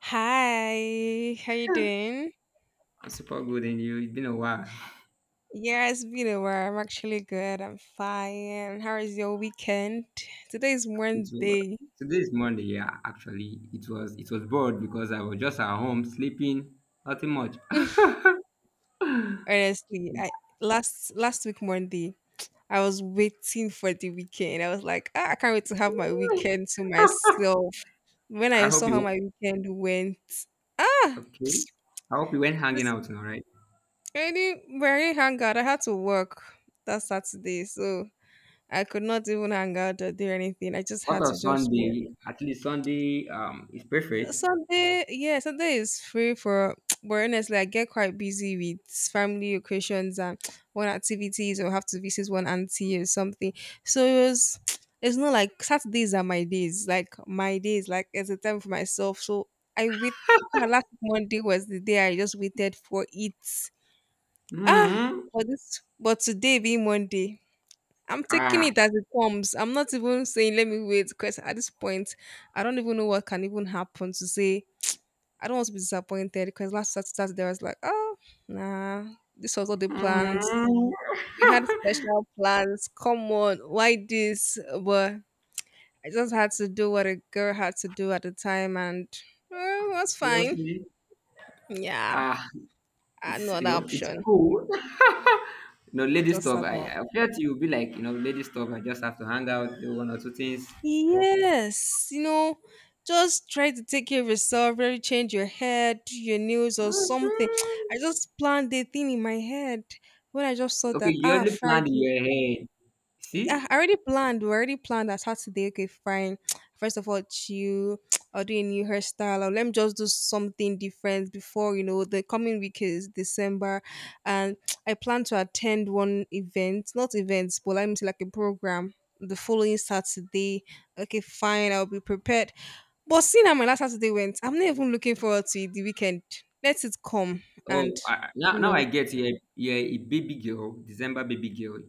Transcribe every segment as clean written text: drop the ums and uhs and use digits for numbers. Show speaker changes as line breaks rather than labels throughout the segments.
Hi, how you doing?
I'm super good, and you? It's been a while.
Yeah, it's been a while. I'm actually good. I'm fine. How is your weekend? Today is
It was,
Monday.
Today's Monday, yeah, actually. It was bored because I was just at home sleeping, nothing much.
Honestly, I last last week Monday, I was waiting for the weekend. I was like, I can't wait to have my weekend to myself. When
I
I
hope
saw
you
how
went
my weekend went, ah,
okay. I hope you went hanging
this
out now, right?
any very hangout. I had to work that Saturday, so I could not even hang out or do anything. I just
What
had
of
to just work.
Sunday? At least Sunday is perfect.
Sunday, yeah, Sunday is free for, but honestly, I get quite busy with family occasions and one activities or have to visit one auntie or something. So it was, it's not like Saturdays are my days, like it's a time for myself. So I wait. Yeah, Last Monday was the day I just waited for it. Ah,
Hmm.
but today being Monday, I'm taking
Ah.
it as it comes. I'm not even saying let me wait because at this point, I don't even know what can even happen to say I don't want to be disappointed because last Saturday I was like, oh, nah, this was all the plans.
Mhm.
We had special plans. Come on, why this? But I just had to do what a girl had to do at the time, and it was fine.
Seriously?
Yeah,
Ah,
I had no other
it's
option.
cool.
I
Lady
just
stuff.
sat
I,
down.
I felt you'll be like, lady stuff, I just have to hang out, do one or two things.
Yes, just try to take care of yourself, really change your hair, do your nails or something. I
Mhm.
just planned the thing in my head when I just saw
Okay,
that,
you already planned in
Friday.
your head. See?
Yeah, I already planned. We already planned that Saturday. Okay, fine. First of all, chill. I'll do a new hairstyle. Or let me just do something different before you know the coming week is December, and I plan to attend one event, not events, but let me say like a program the following Saturday. Okay, fine. I'll be prepared. But seeing how my last Saturday went, I'm not even looking forward to it, the weekend. Let it come and
Oh, now,
you
now I
know
get you. You're a baby girl, December baby girl.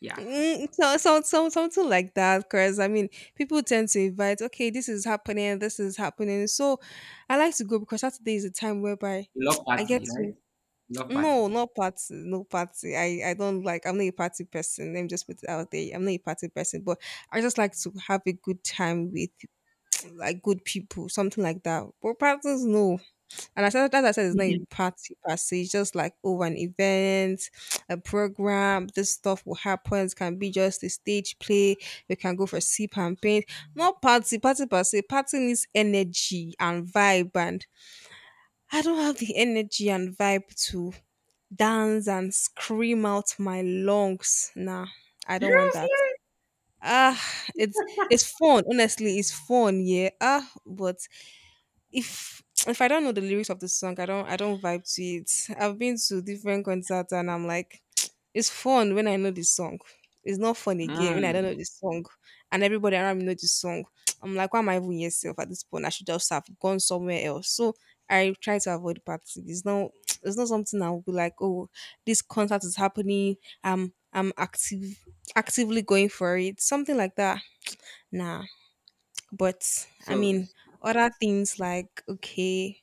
Yeah.
So, something like that, because I mean, people tend to invite, okay, this is happening, this is happening. So I like to go because Saturday is a time whereby
Love
I get
party,
to,
right? Love party.
no, not party, no party. I don't like, I'm not a party person. Let me just put it out there. I'm not a party person, but I just like to have a good time with like good people, something like that. But parties, no. And as I said, it's not a party per se. It's just like, over an event, a program, this stuff will happen. It can be just a stage play. We can go for sip and paint. Not party, party per se. Party needs energy and vibe. And I don't have the energy and vibe to dance and scream out my lungs. Nah, I don't want that.
Seriously?
Ah, it's it's fun. Honestly, it's fun, yeah. But if I don't know the lyrics of the song, I don't vibe to it. I've been to different concerts and I'm like, it's fun when I know the song. It's not fun again when I don't
Mm.
know the song, and everybody around me know the song. I'm like, why am I even here self at this point? I should just have gone somewhere else. So I try to avoid parties. It's not it's not something I will be like, oh, this concert is happening. I'm active Actively going for it. Something like that. Nah. But I
So,
mean other things like okay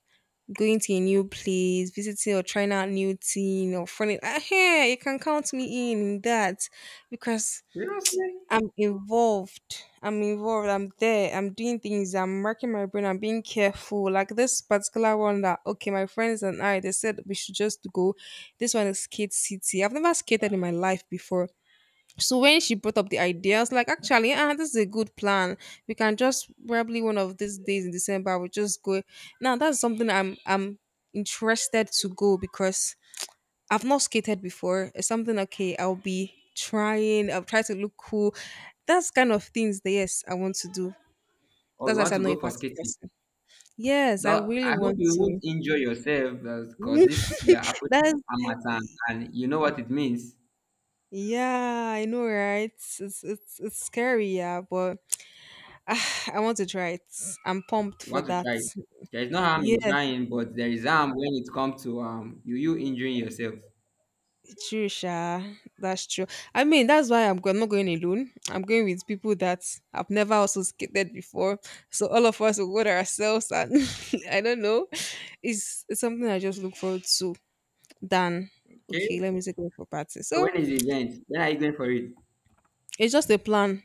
going to a new place, visiting or trying out new thing or funny. Hey, you can count me in that because
seriously?
I'm involved. I'm involved. I'm there. I'm doing things. I'm working my brain. I'm being careful. Like this particular one that okay, my friends and I they said we should just go. This one is skate city. I've never skated in my life before. So when she brought up the idea, I was like, actually, this is a good plan. We can just probably one of these days in December, we'll just go. Now that's something I'm interested to go because I've not skated before. It's something okay, I'll be trying, I'll try to look cool. That's kind of things that yes, I want to do.
Or
That's
you
why I
want
said
to
I'm not a
go for
party
skating?
person. Yes, I
Though,
really
I hope
want
you
to.
won't injure yourself because we are approaching
that's
Amatan, and you know what it means.
Yeah, I know, right? It's scary, yeah, but I want to try it. I'm pumped
You
for
want to
that.
try it. There is no harm in
Yes,
trying, but there is harm when it comes to you injuring yourself.
true, Sha. That's true. I mean, that's why I'm not going alone. I'm going with people that I've never also skated before. So all of us will go there ourselves, and I don't know. It's something I just look forward to. Than
Okay.
Okay, let me take away for party.
So
So
when is the event? When are you going for it?
it's just a plan.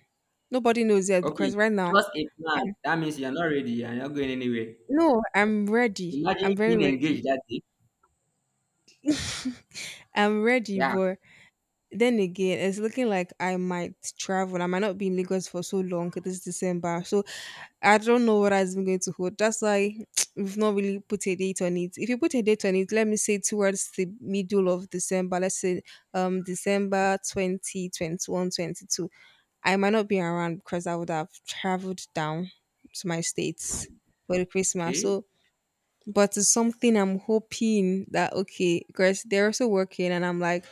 Nobody knows yet
Okay,
because right now,
just a plan. That means you're not ready. You're not going anywhere.
no, I'm ready. I'm
Imagine
very
being
ready.
engaged that day.
I'm ready,
Yeah.
boy. Then again, it's looking like I might travel. I might not be in Lagos for so long this December. So I don't know what I'm going to hold. That's why we've not really put a date on it. If you put a date on it, let me say towards the middle of December, let's say December 20, 21 22. I might not be around because I would have traveled down to my states for the Christmas.
Okay.
So but it's something I'm hoping that okay, because they're also working and I'm like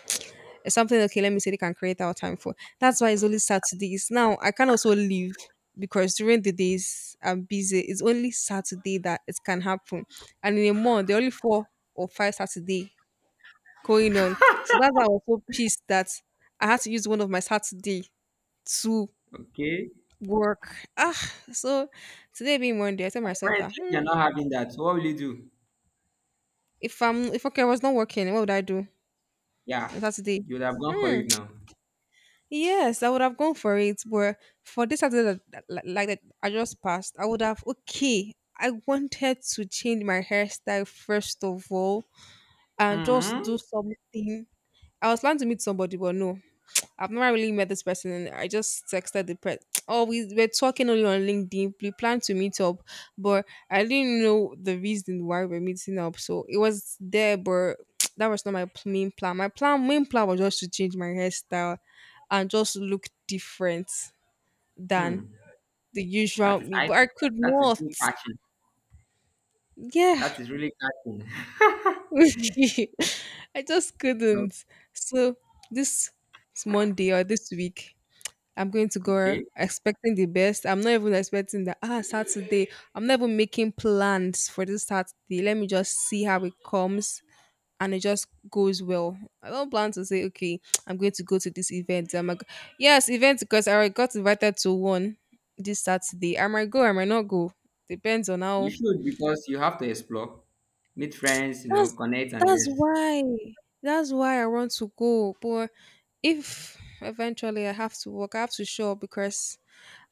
something okay let me see. They can create our time for that's why it's only Saturdays now, I can also leave because during the days I'm busy. It's only Saturday that it can happen, and in a month there are only four or five Saturday going on. So that's why I was so pissed that I had to use one of my Saturday to
Okay.
work. So today being Monday, I tell myself that
Apparently
hmm.
you're not having that. So what will you do?
If okay I was not working, what would I do on
Yeah.
Saturday?
You would have gone for
Hmm.
it now.
Yes, I would have gone for it, but for this Saturday like that I just passed, I would have okay. I wanted to change my hairstyle first of all and just do
Hmm.
something. I was planning to meet somebody, but no, I've not really met this person. I just texted the person. Oh, we were talking only on LinkedIn. We planned to meet up, but I didn't know the reason why we're meeting up. So it was there, but that was not my main plan. My main plan was just to change my hairstyle and just look different
Hmm.
than the
That
usual
is
me.
I.
But I could
That is
not.
really catching.
Yeah,
That is really catching.
I just
No,
couldn't. So this Monday or this week, I'm going to go
okay.
expecting the best. I'm not even expecting that. Saturday. I'm not even making plans for this Saturday. Let me just see how it comes and it just goes well. I don't plan to say, okay, I'm going to go to this event. I'm like, yes, event because I already got invited to one this Saturday. I might go, I might not go. Depends on
You
how.
should because you have to explore, meet friends,
That's
connect, and
that's
yes.
why. That's why I want to go. But if eventually I have to work, I have to show up because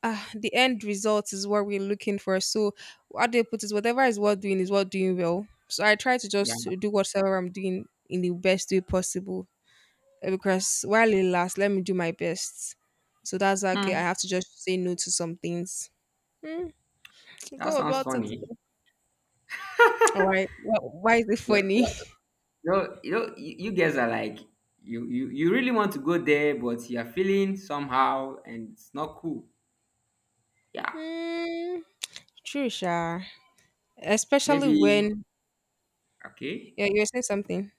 The end result is what we're looking for. So how do you put it? Whatever is worth doing well. So I try to
Yeah.
just to do whatever I'm doing in the best way possible. Because while it lasts, let me do my best. So that's okay. I
Hmm.
have to just say no to some things. Hmm,
That
Go
sounds
about it.
funny.
All right. Why is it
Well,
funny?
no, you guys are like, you really want to go there, but you are feeling somehow, and it's not cool. Yeah,
Mm, True, Sha. Especially
maybe
when
okay.
yeah, you're saying something.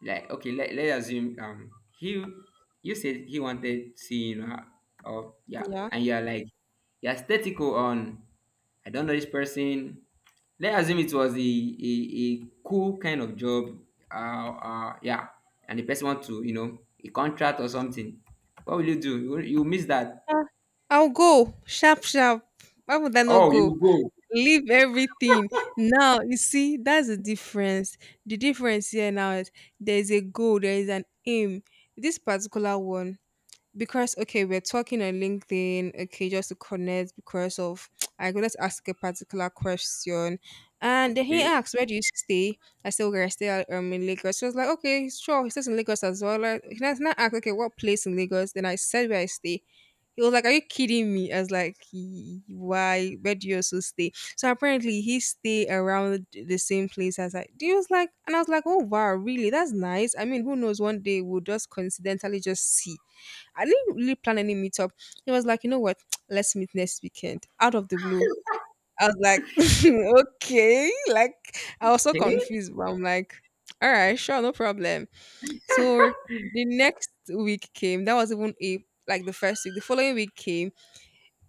Like, okay, let's assume, he you said he wanted seeing her, or yeah,
Yeah.
and you are like, you're aesthetical on. I don't know this person. Let's assume it was a cool kind of job. Yeah, and the person want to a contract or something. What will you do? You miss that.
I'll go. Sharp, sharp. Why would I not
Oh,
go?
you go.
Leave everything now, you see that's the difference here now is there's a goal, there is an aim. This particular one because okay, we're talking on LinkedIn, okay, just to connect because of I go let ask a particular question, and then he
Okay.
asked, where do you stay? I said okay, I stay in Lagos. She was like okay sure he stays in Lagos as well, like, he does not ask okay what place in Lagos, then I said where I stay. He was like, "Are you kidding me?" I was like, "Why? Where do you also stay?" So apparently, he stay around the same place as I. He was like, and I was like, "Oh wow, really? That's nice." I mean, who knows? One day we'll just coincidentally just see. I didn't really plan any meetup. He was like, you know what? Let's meet next weekend out of the blue. I was like, okay. Like, I was so
Okay.
confused, but I'm like, all right, sure, no problem. So the next week came. That was even a like the first week. The following week came,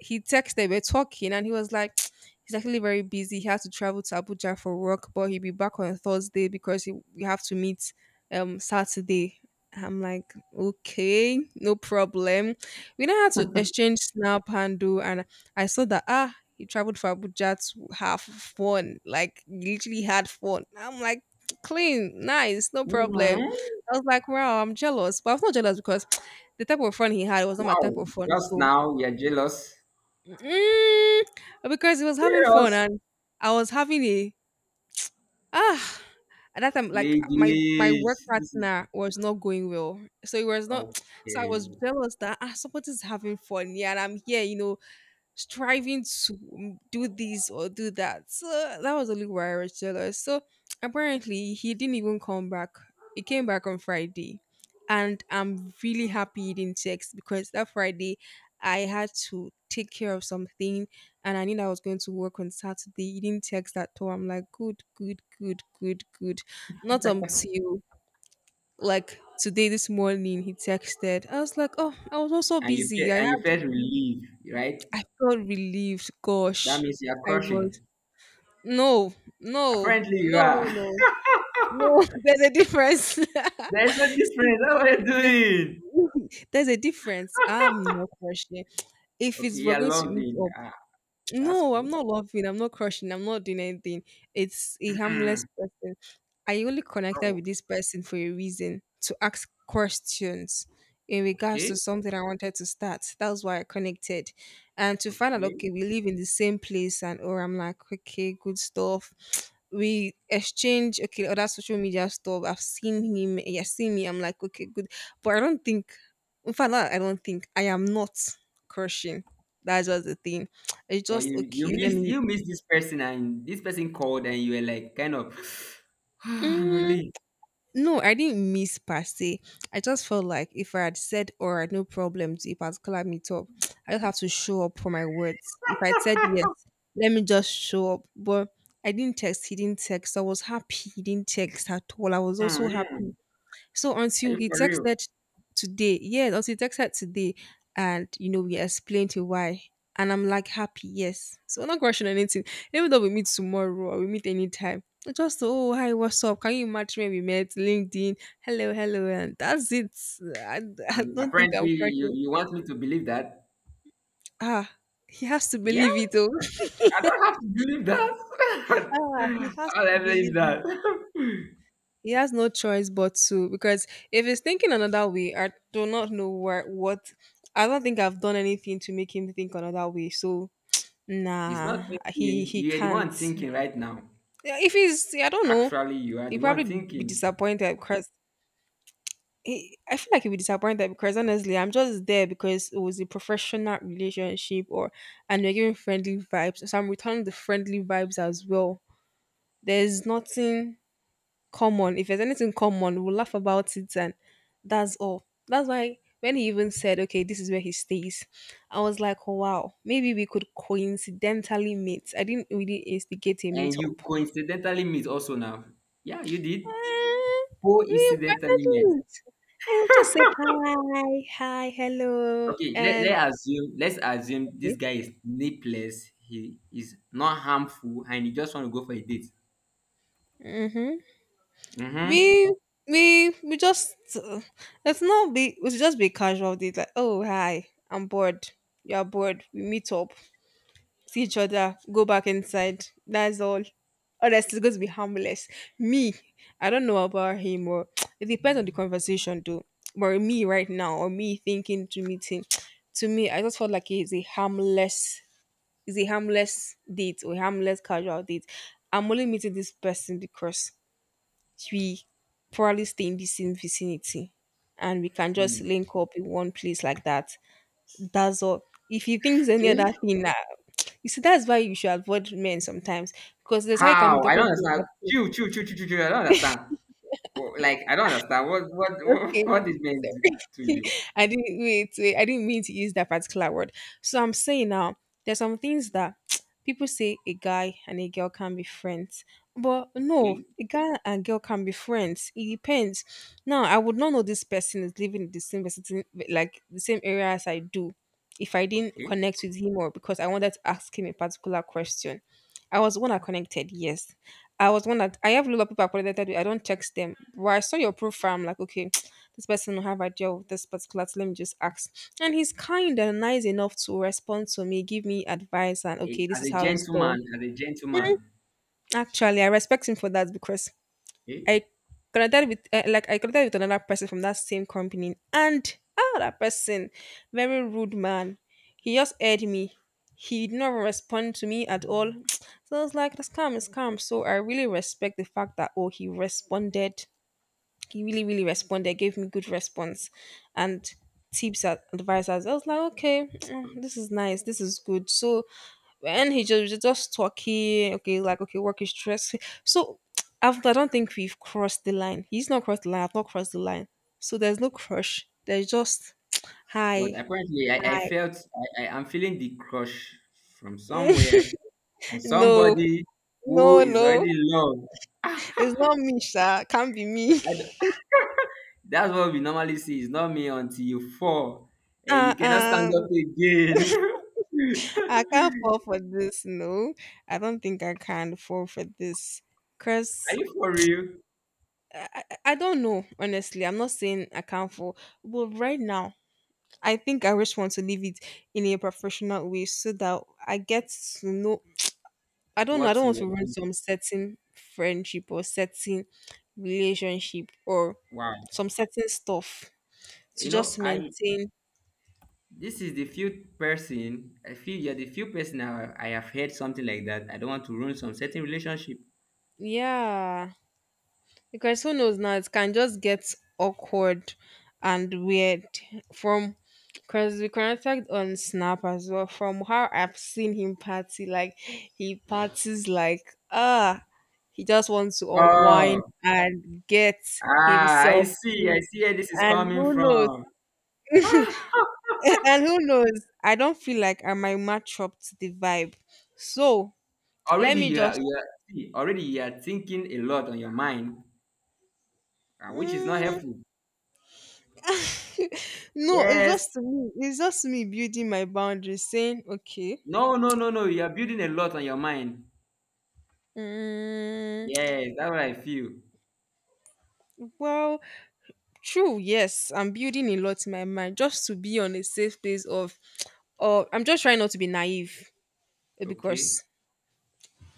he texted, they we're talking, and he was like, he's actually very busy. He has to travel to Abuja for work, but he'll be back on Thursday because he, we have to meet Saturday. I'm like, okay, no problem. We now had to exchange snap handle, and I saw that he traveled for Abuja to have fun, like he literally had fun. I'm like, clean, nice, no
Mhm.
problem. I was like, wow, I'm jealous, but I was not jealous because the type of fun he had was not my type
Wow.
of fun.
Just
So
now you're jealous.
mm, because it was having fun
Serious.
and I was having a ah at that time, like my work
Ladies. This is
partner was not going well, so it was not, so I was
okay.
jealous that ah, somebody's having fun, yeah, and I'm here, you know, striving to do this or do that. So that was only why I was jealous. So apparently he didn't even come back. He came back on Friday. And I'm really happy he didn't text because that Friday I had to take care of something and I knew I was going to work on Saturday. He didn't text at all. I'm like, good, good, good, good, good. Not until, like, today this morning, he texted. I was like, oh, I was also
And you feel
busy. I
and you felt
had
relief, right?
I felt relieved.
That
Gosh,
means you're
I was
crushing.
no, no,
Apparently you
no, no,
are.
no, no. There's a difference.
There's no difference. That's what you're
there's,
doing.
there's a difference. I'm not rushing. If
Okay,
it's we're
you're
going to meet
loving.
up,
Ah, that's
no, I'm
cool.
not laughing. I'm not crushing. I'm not doing anything. It's a harmless
Mm.
person. I only connected
Oh,
with this person for a reason to ask questions in regards
okay,
to something I wanted to start. That was why I connected. And to find out,
okay.
okay, we live in the same place, and or I'm like, okay, good stuff. We exchange, okay, other social media stuff. I've seen him, he has seen me. I'm like, okay, good. But I don't think, in fact, not I don't think, I am not crushing. That's just the thing. It's
Well,
just
you you
okay. Let
miss
me.
you miss this person, and this person called, and you were like, kind of, I'm
Mm,
relieved.
no, I didn't miss per se. I just felt like if I had said or had no problem to a particular meetup, I just have to show up for my words. If I said yes, let me just show up. But I didn't text. He didn't text. I was happy. He didn't text at all. I was
Mm,
also happy.
mm.
So
Are
until
you
he
for real?
texted today, yeah, until he texted today, and you know, we explained to why. And I'm like happy, yes. So I'm not rushing anything. Even though we meet tomorrow or we meet anytime. It's just oh hi, what's up? Can you imagine when we met? LinkedIn, hello, hello, and that's it. I, I
And
don't think I'm
apparently, you,
cracking.
you want me to believe that?
Ah, he has to
Yeah,
believe it though.
I don't have to believe
Ah, he
that.
has
How do
to
I
believe
believe
it.
that?
He has no choice but to because if he's thinking another way, I do not know where what I don't think I've done anything to make him think another way. So
He's not
nah, he
thinking.
he
You are the
can't.
one thinking right now.
Yeah, if he's I don't know,
Actually, you are
he
the
probably
one
be
thinking.
disappointed because he, I feel like he'll be disappointed because honestly, I'm just there because it was a professional relationship or and we're giving friendly vibes. So I'm returning the friendly vibes as well. There's nothing common. If there's anything common, we'll laugh about it, and that's all. That's why when he even said, "Okay, this is where he stays," I was like, oh, "Wow, maybe we could coincidentally meet." I didn't really instigate a
And
meetup.
you coincidentally meet also now. Yeah, you did.
Eh, we
Coincidentally met.
coincidentally will just say hi, hi, hello,
Okay, let,
and
let assume, let's assume this guy is nipless. He is not harmful, and he just want to go for a date.
mm-hmm.
Mm-hmm.
we we just let's not be we should just be casual. It's like, oh hi, I'm bored. You're bored. We meet up. See each other, go back inside. That's all. Or else it's going to be harmless. Me, I don't know about him, or it depends on the conversation, though. But me right now, or me thinking to meeting, to me, I just felt like it's a harmless date or harmless casual date. I'm only meeting this person because we probably stay in the same vicinity and we can just link up in one place like that. That's all. If he thinks any other
Okay.
thing, nah, you see, that's why you should avoid men sometimes because that's how you can be
How? I don't
talking to a
understand.
particular
Chew, chew, chew, chew, chew, chew. I don't understand. Like, I don't understand what
Okay,
what is meant to
sorry.
you.
I didn't wait. I didn't mean to use that particular word. So I'm saying now, there's some things that people say a guy and a girl can be friends, but no,
Okay,
a guy and girl can be friends. It depends. Now, I would not know this person is living in the same vicinity, like the same area as I do, if I didn't
okay.
connect with him or because I wanted to ask him a particular question. I was the one that connected, yes. I was the one that I have a lot of people I connected with. I don't text them. But I saw your profile, I'm like, okay, this person will have idea of this particular thing. Let me just ask. And he's kind and nice enough to respond to me, give me advice, and
Eh,
okay, this
as
is
a
how it's done.
gentleman, as a gentleman.
Actually, I respect him for that because
Okay.
I connected with like I connected with another person from that same company, and ah, that person, very rude man. He just aired me. He did not respond to me at all. So I was like, that's calm, it's calm. So I really respect the fact that oh, he responded, he really responded, gave me good response and tips and advice. As I was like, okay, this is nice, this is good. So when he just talking, okay, like okay, work is stress. So I don't think we've crossed the line, he's not crossed the line, I've not crossed the line. So there's no crush, there's just
But
hi,
apparently, I
hi
felt I am feeling the crush from somewhere on
no,
somebody who
no,
is
no,
already loved.
it's not me sha, can't be me.
I don't- That's what we normally see. It's not me until you fall and
uh
you cannot stand
uh
up again.
I can't fall for this. No, I don't think I can fall for this.
Are
Cause
you for real?
I don't know. Honestly, I'm not saying I can't fall, but right now I think I just want to leave it in a professional way so that I get to know. I don't know. I
What
don't want
you
to
are
run
doing?
some certain friendship or certain relationship or
Wow.
some certain stuff to
You
just
know, I
maintain.
This is the few person, I feel you're the few person I have heard something like that. I don't want to ruin some certain relationship.
Yeah. Because who knows now, it can just get awkward and weird from because we connected on Snap as well. From how I've seen him party, like he parties like ah, he just wants to unwind
Oh,
and get
ah,
himself
I
free.
see where this is
And
coming
who knows?
from. Ah,
And who knows? I don't feel like I might match up to the vibe. So let
already
me just.
already you are thinking a lot on your mind, which is not
Hmm,
helpful.
no, it's
Yes,
just me. It's just me building my boundaries, saying, okay,
no, no, no, no. You are building a lot on your mind.
mm,
Yes, that's what I feel.
well, true, yes, I'm building a lot in my mind just to be on a safe place of, or I'm just trying not to be naive, eh,
Okay,
because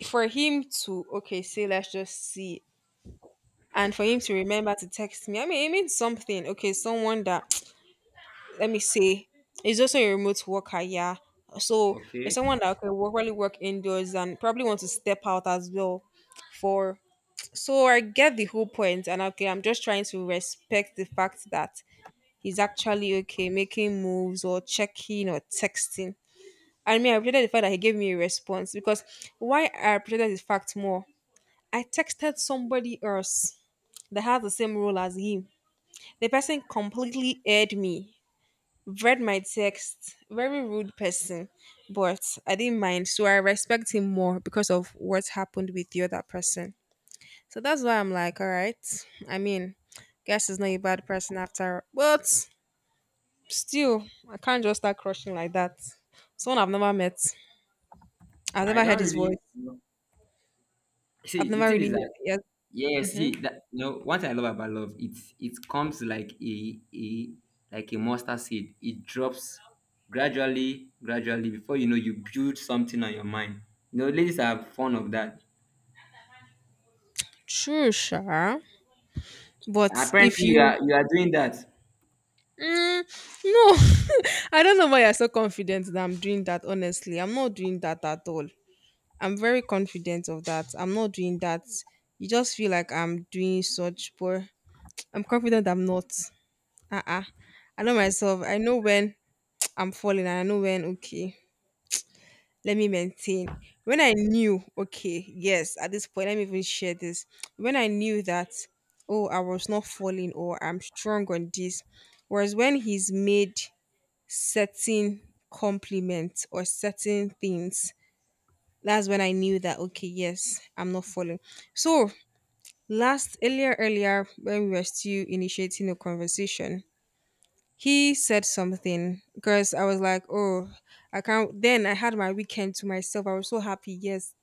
for him to, okay, say, let's just see, and for him to remember to text me, I mean, it means something. Okay, someone that, let me say, is also a remote worker, yeah. So it's
okay.
someone that can work, really work indoors and probably want to step out as well for so I get the whole point and okay, I'm just trying to respect the fact that he's actually okay making moves or checking or texting. I mean, I appreciated the fact that he gave me a response because why I appreciated the fact more, I texted somebody else that has the same role as him, the person completely aired me, read my text, very rude person. But I didn't mind, so I respect him more because of what happened with the other person. So that's why I'm like, all right. I mean, guess is not a bad person after, but still, I can't just start crushing like that. Someone I've never met, I've
I
never heard
don't
his
really
voice. I've
see. The
never
thing is
really,
that,
yes,
yes,
mm-hmm.
he that you know what I love about love. It comes like a mustard seed. It drops gradually, gradually before you know you build something on your mind. Ladies are fond of that.
True, sure. But if
Apparently you
you,
are you are doing that.
mm, no, I don't know why you're so confident that I'm doing that. Honestly, I'm not doing that at all. I'm very confident of that. I'm not doing that. You just feel like I'm doing such, but I'm confident I'm not. Uh-uh. I know myself. I know when I'm falling, and I know when, okay, let me maintain. When I knew, okay, yes, at this point, let me even share this. When I knew that, oh, I was not falling, or I'm strong on this, whereas when he's made certain compliments or certain things, that's when I knew that, okay, yes, I'm not falling. So, last, earlier, when we were still initiating a conversation, he said something because I was like, oh, I can't. Then I had my weekend to myself. I was so happy. Yes,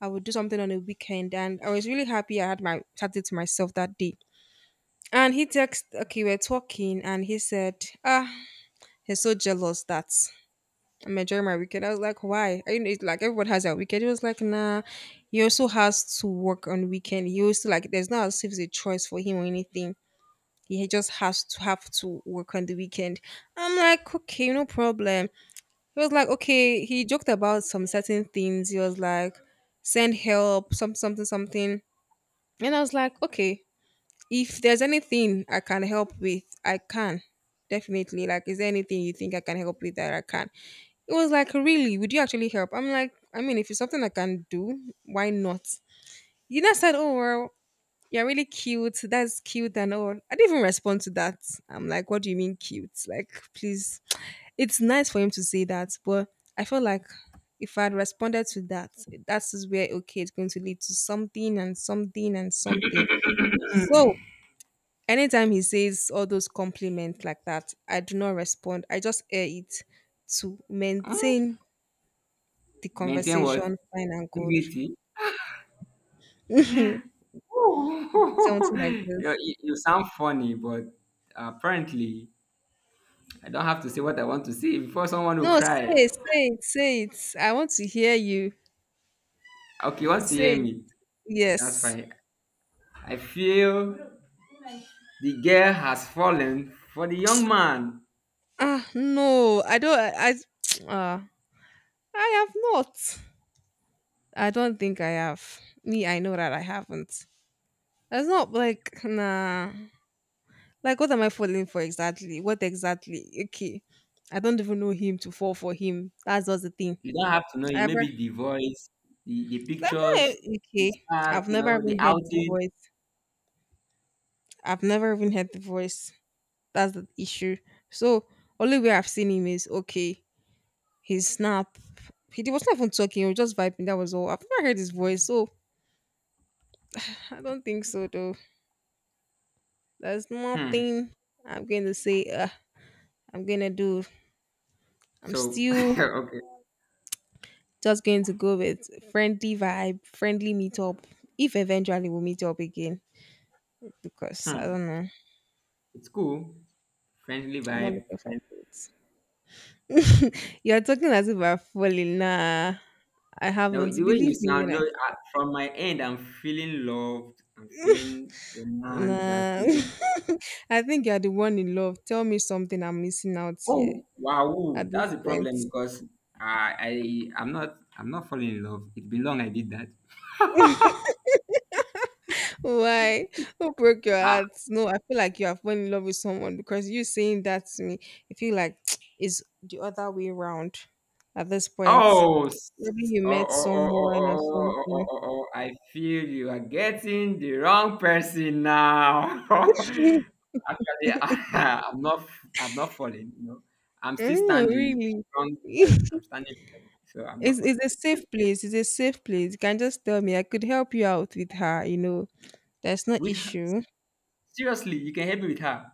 I would do something on a weekend. And I was really happy I had my Saturday to myself that day. And he text, okay, we're talking. And he said, ah, he's so jealous that I'm enjoying my weekend. I was like, why? I know it's like everyone has their weekend. He was like, nah, he also has to work on weekend. He also like, there's not as if it's a choice for him or anything, he just has to have to work on the weekend. I'm like, okay, no problem. He was like, okay. He joked about some certain things. He was like, send help, some something, something. And I was like, okay, if there's anything I can help with, I can. Definitely. Like, is there anything you think I can help with that I can? It was like, really? Would you actually help? I'm like, I mean, if it's something I can do, why not? I said, oh, well, you're really cute. That's cute and all. I didn't even respond to that. I'm like, what do you mean cute? Like, please. It's nice for him to say that, but I feel like if I'd responded to that, that's just where okay, it's going to lead to something and something and something. So anytime he says all those compliments like that, I do not respond. I just air it to
Hmm,
maintain the
maintain what?
conversation fine and good.
Dignity. Ooh.
Something like
you,
this.
you you sound funny, but apparently I don't have to say what I want to say before someone will
No, say
cry.
it, say it, say it. I want to hear you.
Okay, once you hear
Say
me, that's
yes.
fine. I feel the girl has fallen for the young man.
Ah, no, I don't. I, uh, I have not. I don't think I have. Me, I know that I haven't. That's not like nah. Like, what am I falling for exactly? What exactly? Okay, I don't even know him to fall for him. That's just the thing.
You don't have to know it.
Ever?
Maybe the voice, the
That's not
pictures,
e-
the
okay.
spark,
I've never
the
even heard the
outing.
voice. I've never even heard the voice. That's the issue. So only way I've seen him is okay, his snap. Was not even talking, he was just vibing. That was all. I've never heard his voice, so I don't think so though. There's
Hmm.
nothing I'm going to say, I'm going to do. I'm
So,
still
okay.
just going to go with friendly vibe, friendly meetup. If eventually we'll meet up again, because I
Hmm.
don't know,
It's cool. Friendly
I'm not
vibe.
looking for it. You're talking as if I'm falling. Nah, I
Now,
haven't.
the way you
Believe me when
sound, no,
I.
from my end, I'm feeling loved. I'm feeling romance. I'm
Nah,
feeling,
I think you're the one in love. Tell me something I'm missing out here.
oh, wow.
At this
That's the
point.
problem because I, I'm not falling in love. It's been long I did that.
Why? Who broke your
I,
heart? No, I feel like you have fallen in love with someone, because you saying that to me, I feel like it's the other way around at this point.
Oh,
Probably you
oh,
met
oh, oh, oh,
someone or
oh, oh, oh, oh, oh,
something.
oh, oh, oh, I feel you are getting the wrong person now. Actually, I'm not falling. I'm still
Mm,
standing
really?
strong. Yeah, I'm standing strong, so I'm
it's,
not falling.
it's a safe place. It's a safe place. You can just tell me. I could help you out with her, you know. There's no
With her,
issue.
seriously, you can help me with her.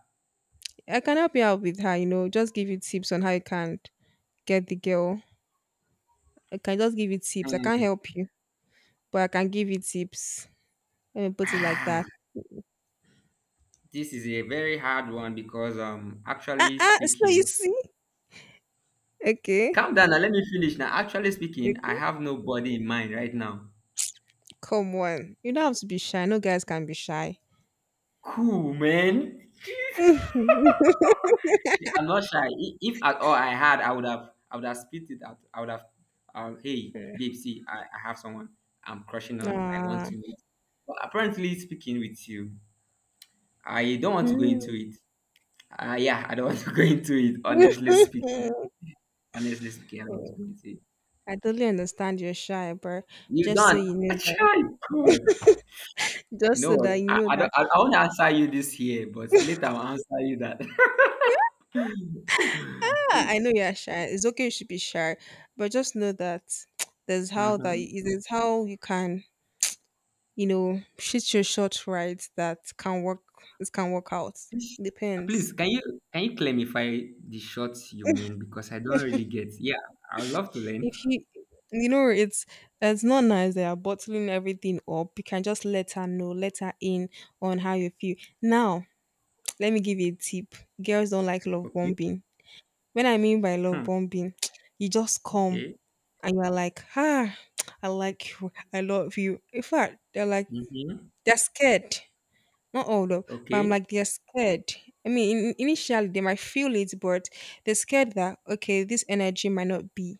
I can help you out with her, you know. Just give you tips on how you can get the girl. I can just give you tips. I can't
Hmm.
help you, but I can give you tips. Let me put it like
Ah,
that.
this is a very hard one because,
Ah,
actually
ah, so you
speaking,
see? Okay.
calm down now, let me finish. Now, actually speaking,
Okay.
I have nobody in mind right now.
Come on. You don't have to be shy. No guys can be shy.
Cool, man. I'm not shy. If at all I had, I would have spit it out. Hey, babe, see, I have someone I'm crushing on. I want
Ah.
to meet. But apparently, speaking with you, I don't want
I
to go into it. Yeah, I don't want to go into it. Honestly speaking, I don't want to go into it.
totally understand you're shy, but
You
just so
don't.
you know that,
Try God. You
just
know
so
what?
that you
I,
know
I don't.
that,
I won't answer you this here, but later I'll answer you that.
ah, I know you're shy. It's okay, you should be shy, but just know that
Mhm.
there's how you can, you know, shoot your shot right. That can work. It can work out.
Please,
Depends.
please, can you clarify the shots you mean, because I don't really get. Yeah, I would love to learn.
If you, you know, it's not nice they are bottling everything up. You can just let her know, let her in on how you feel. Now, let me give you a tip. Girls don't like love
Okay.
bombing. When I mean by love
Hmm.
bombing, you just come
Okay.
and you're like, ah, I like you, I love you. In fact, they're like,
Mm-hmm.
they're scared. Not all of, but I'm
Okay.
like, they're scared. I mean, initially they might feel it, but they're scared that okay, this energy might not be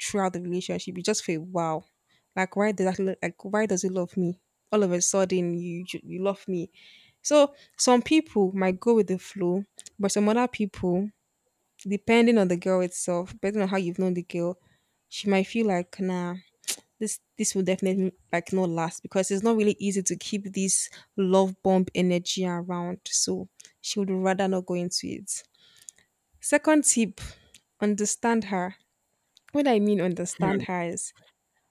throughout the relationship, you just feel wow, like why does he love me? All of a sudden, you love me. So some people might go with the flow, but some other people, depending on the girl itself, depending on how you've known the girl, she might feel like nah, this will definitely like not last, because it's not really easy to keep this love bomb energy around. So she would rather not go into it. Second tip, understand her. What I mean understand her is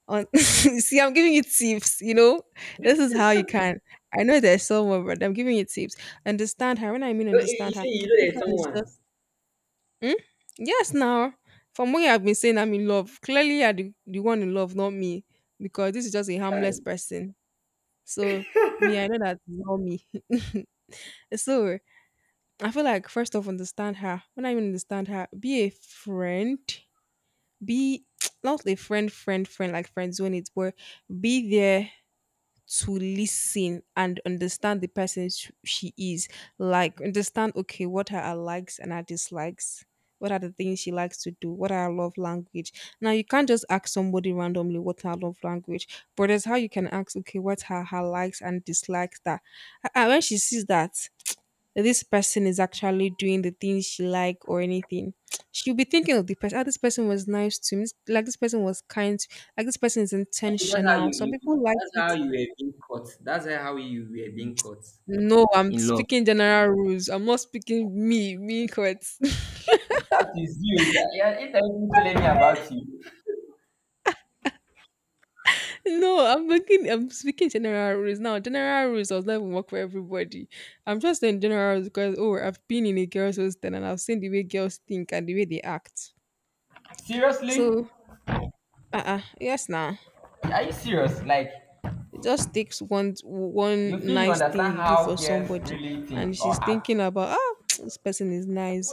on see, I'm giving you tips, you know. This is how you can. I know there's someone, but I'm giving you tips. Understand her. When I mean
So you
understand
say
her,
you know
that
there's
one is
someone.
just hmm? Yes. Now, from what you have been saying, I'm in love. Clearly, you're the one in love, not me, because this is just a
Hi.
harmless person. So me, I know that's not me. So I feel like first off, understand her. When I mean understand her, be a friend. Be not a friend, friend, friend like friend zone it, but be there to listen and understand the person she is. Like, understand, okay, what are her likes and her dislikes? What are the things she likes to do? What are her love language? Now, you can't just ask somebody randomly what her love language, but that's how you can ask, okay, what are her likes and dislikes that. And when she sees that this person is actually doing the things she like or anything, she'll be thinking of the person. Ah, this person was nice to me. This- Like, this person was kind. Like, this person is
I think
intentional. Some people like
that's
it.
how you were being caught. That's how you were being caught
No, I'm
in love.
speaking general rules. I'm not speaking me, me quote.
That is you. Yeah, it doesn't telling me about you.
No, I'm speaking general rules. Now, general rules does not even work for everybody. I'm just saying general rules because oh, I've been in a girls' hostel and I've seen the way girls think and the way they act.
Seriously?
So yes now.
Are you serious? Like,
It just takes one
you
one
feel you
nice thing
understand
you do
how
for
girls
somebody,
really
and
think or
she's
act?
thinking about, ah, this person is nice,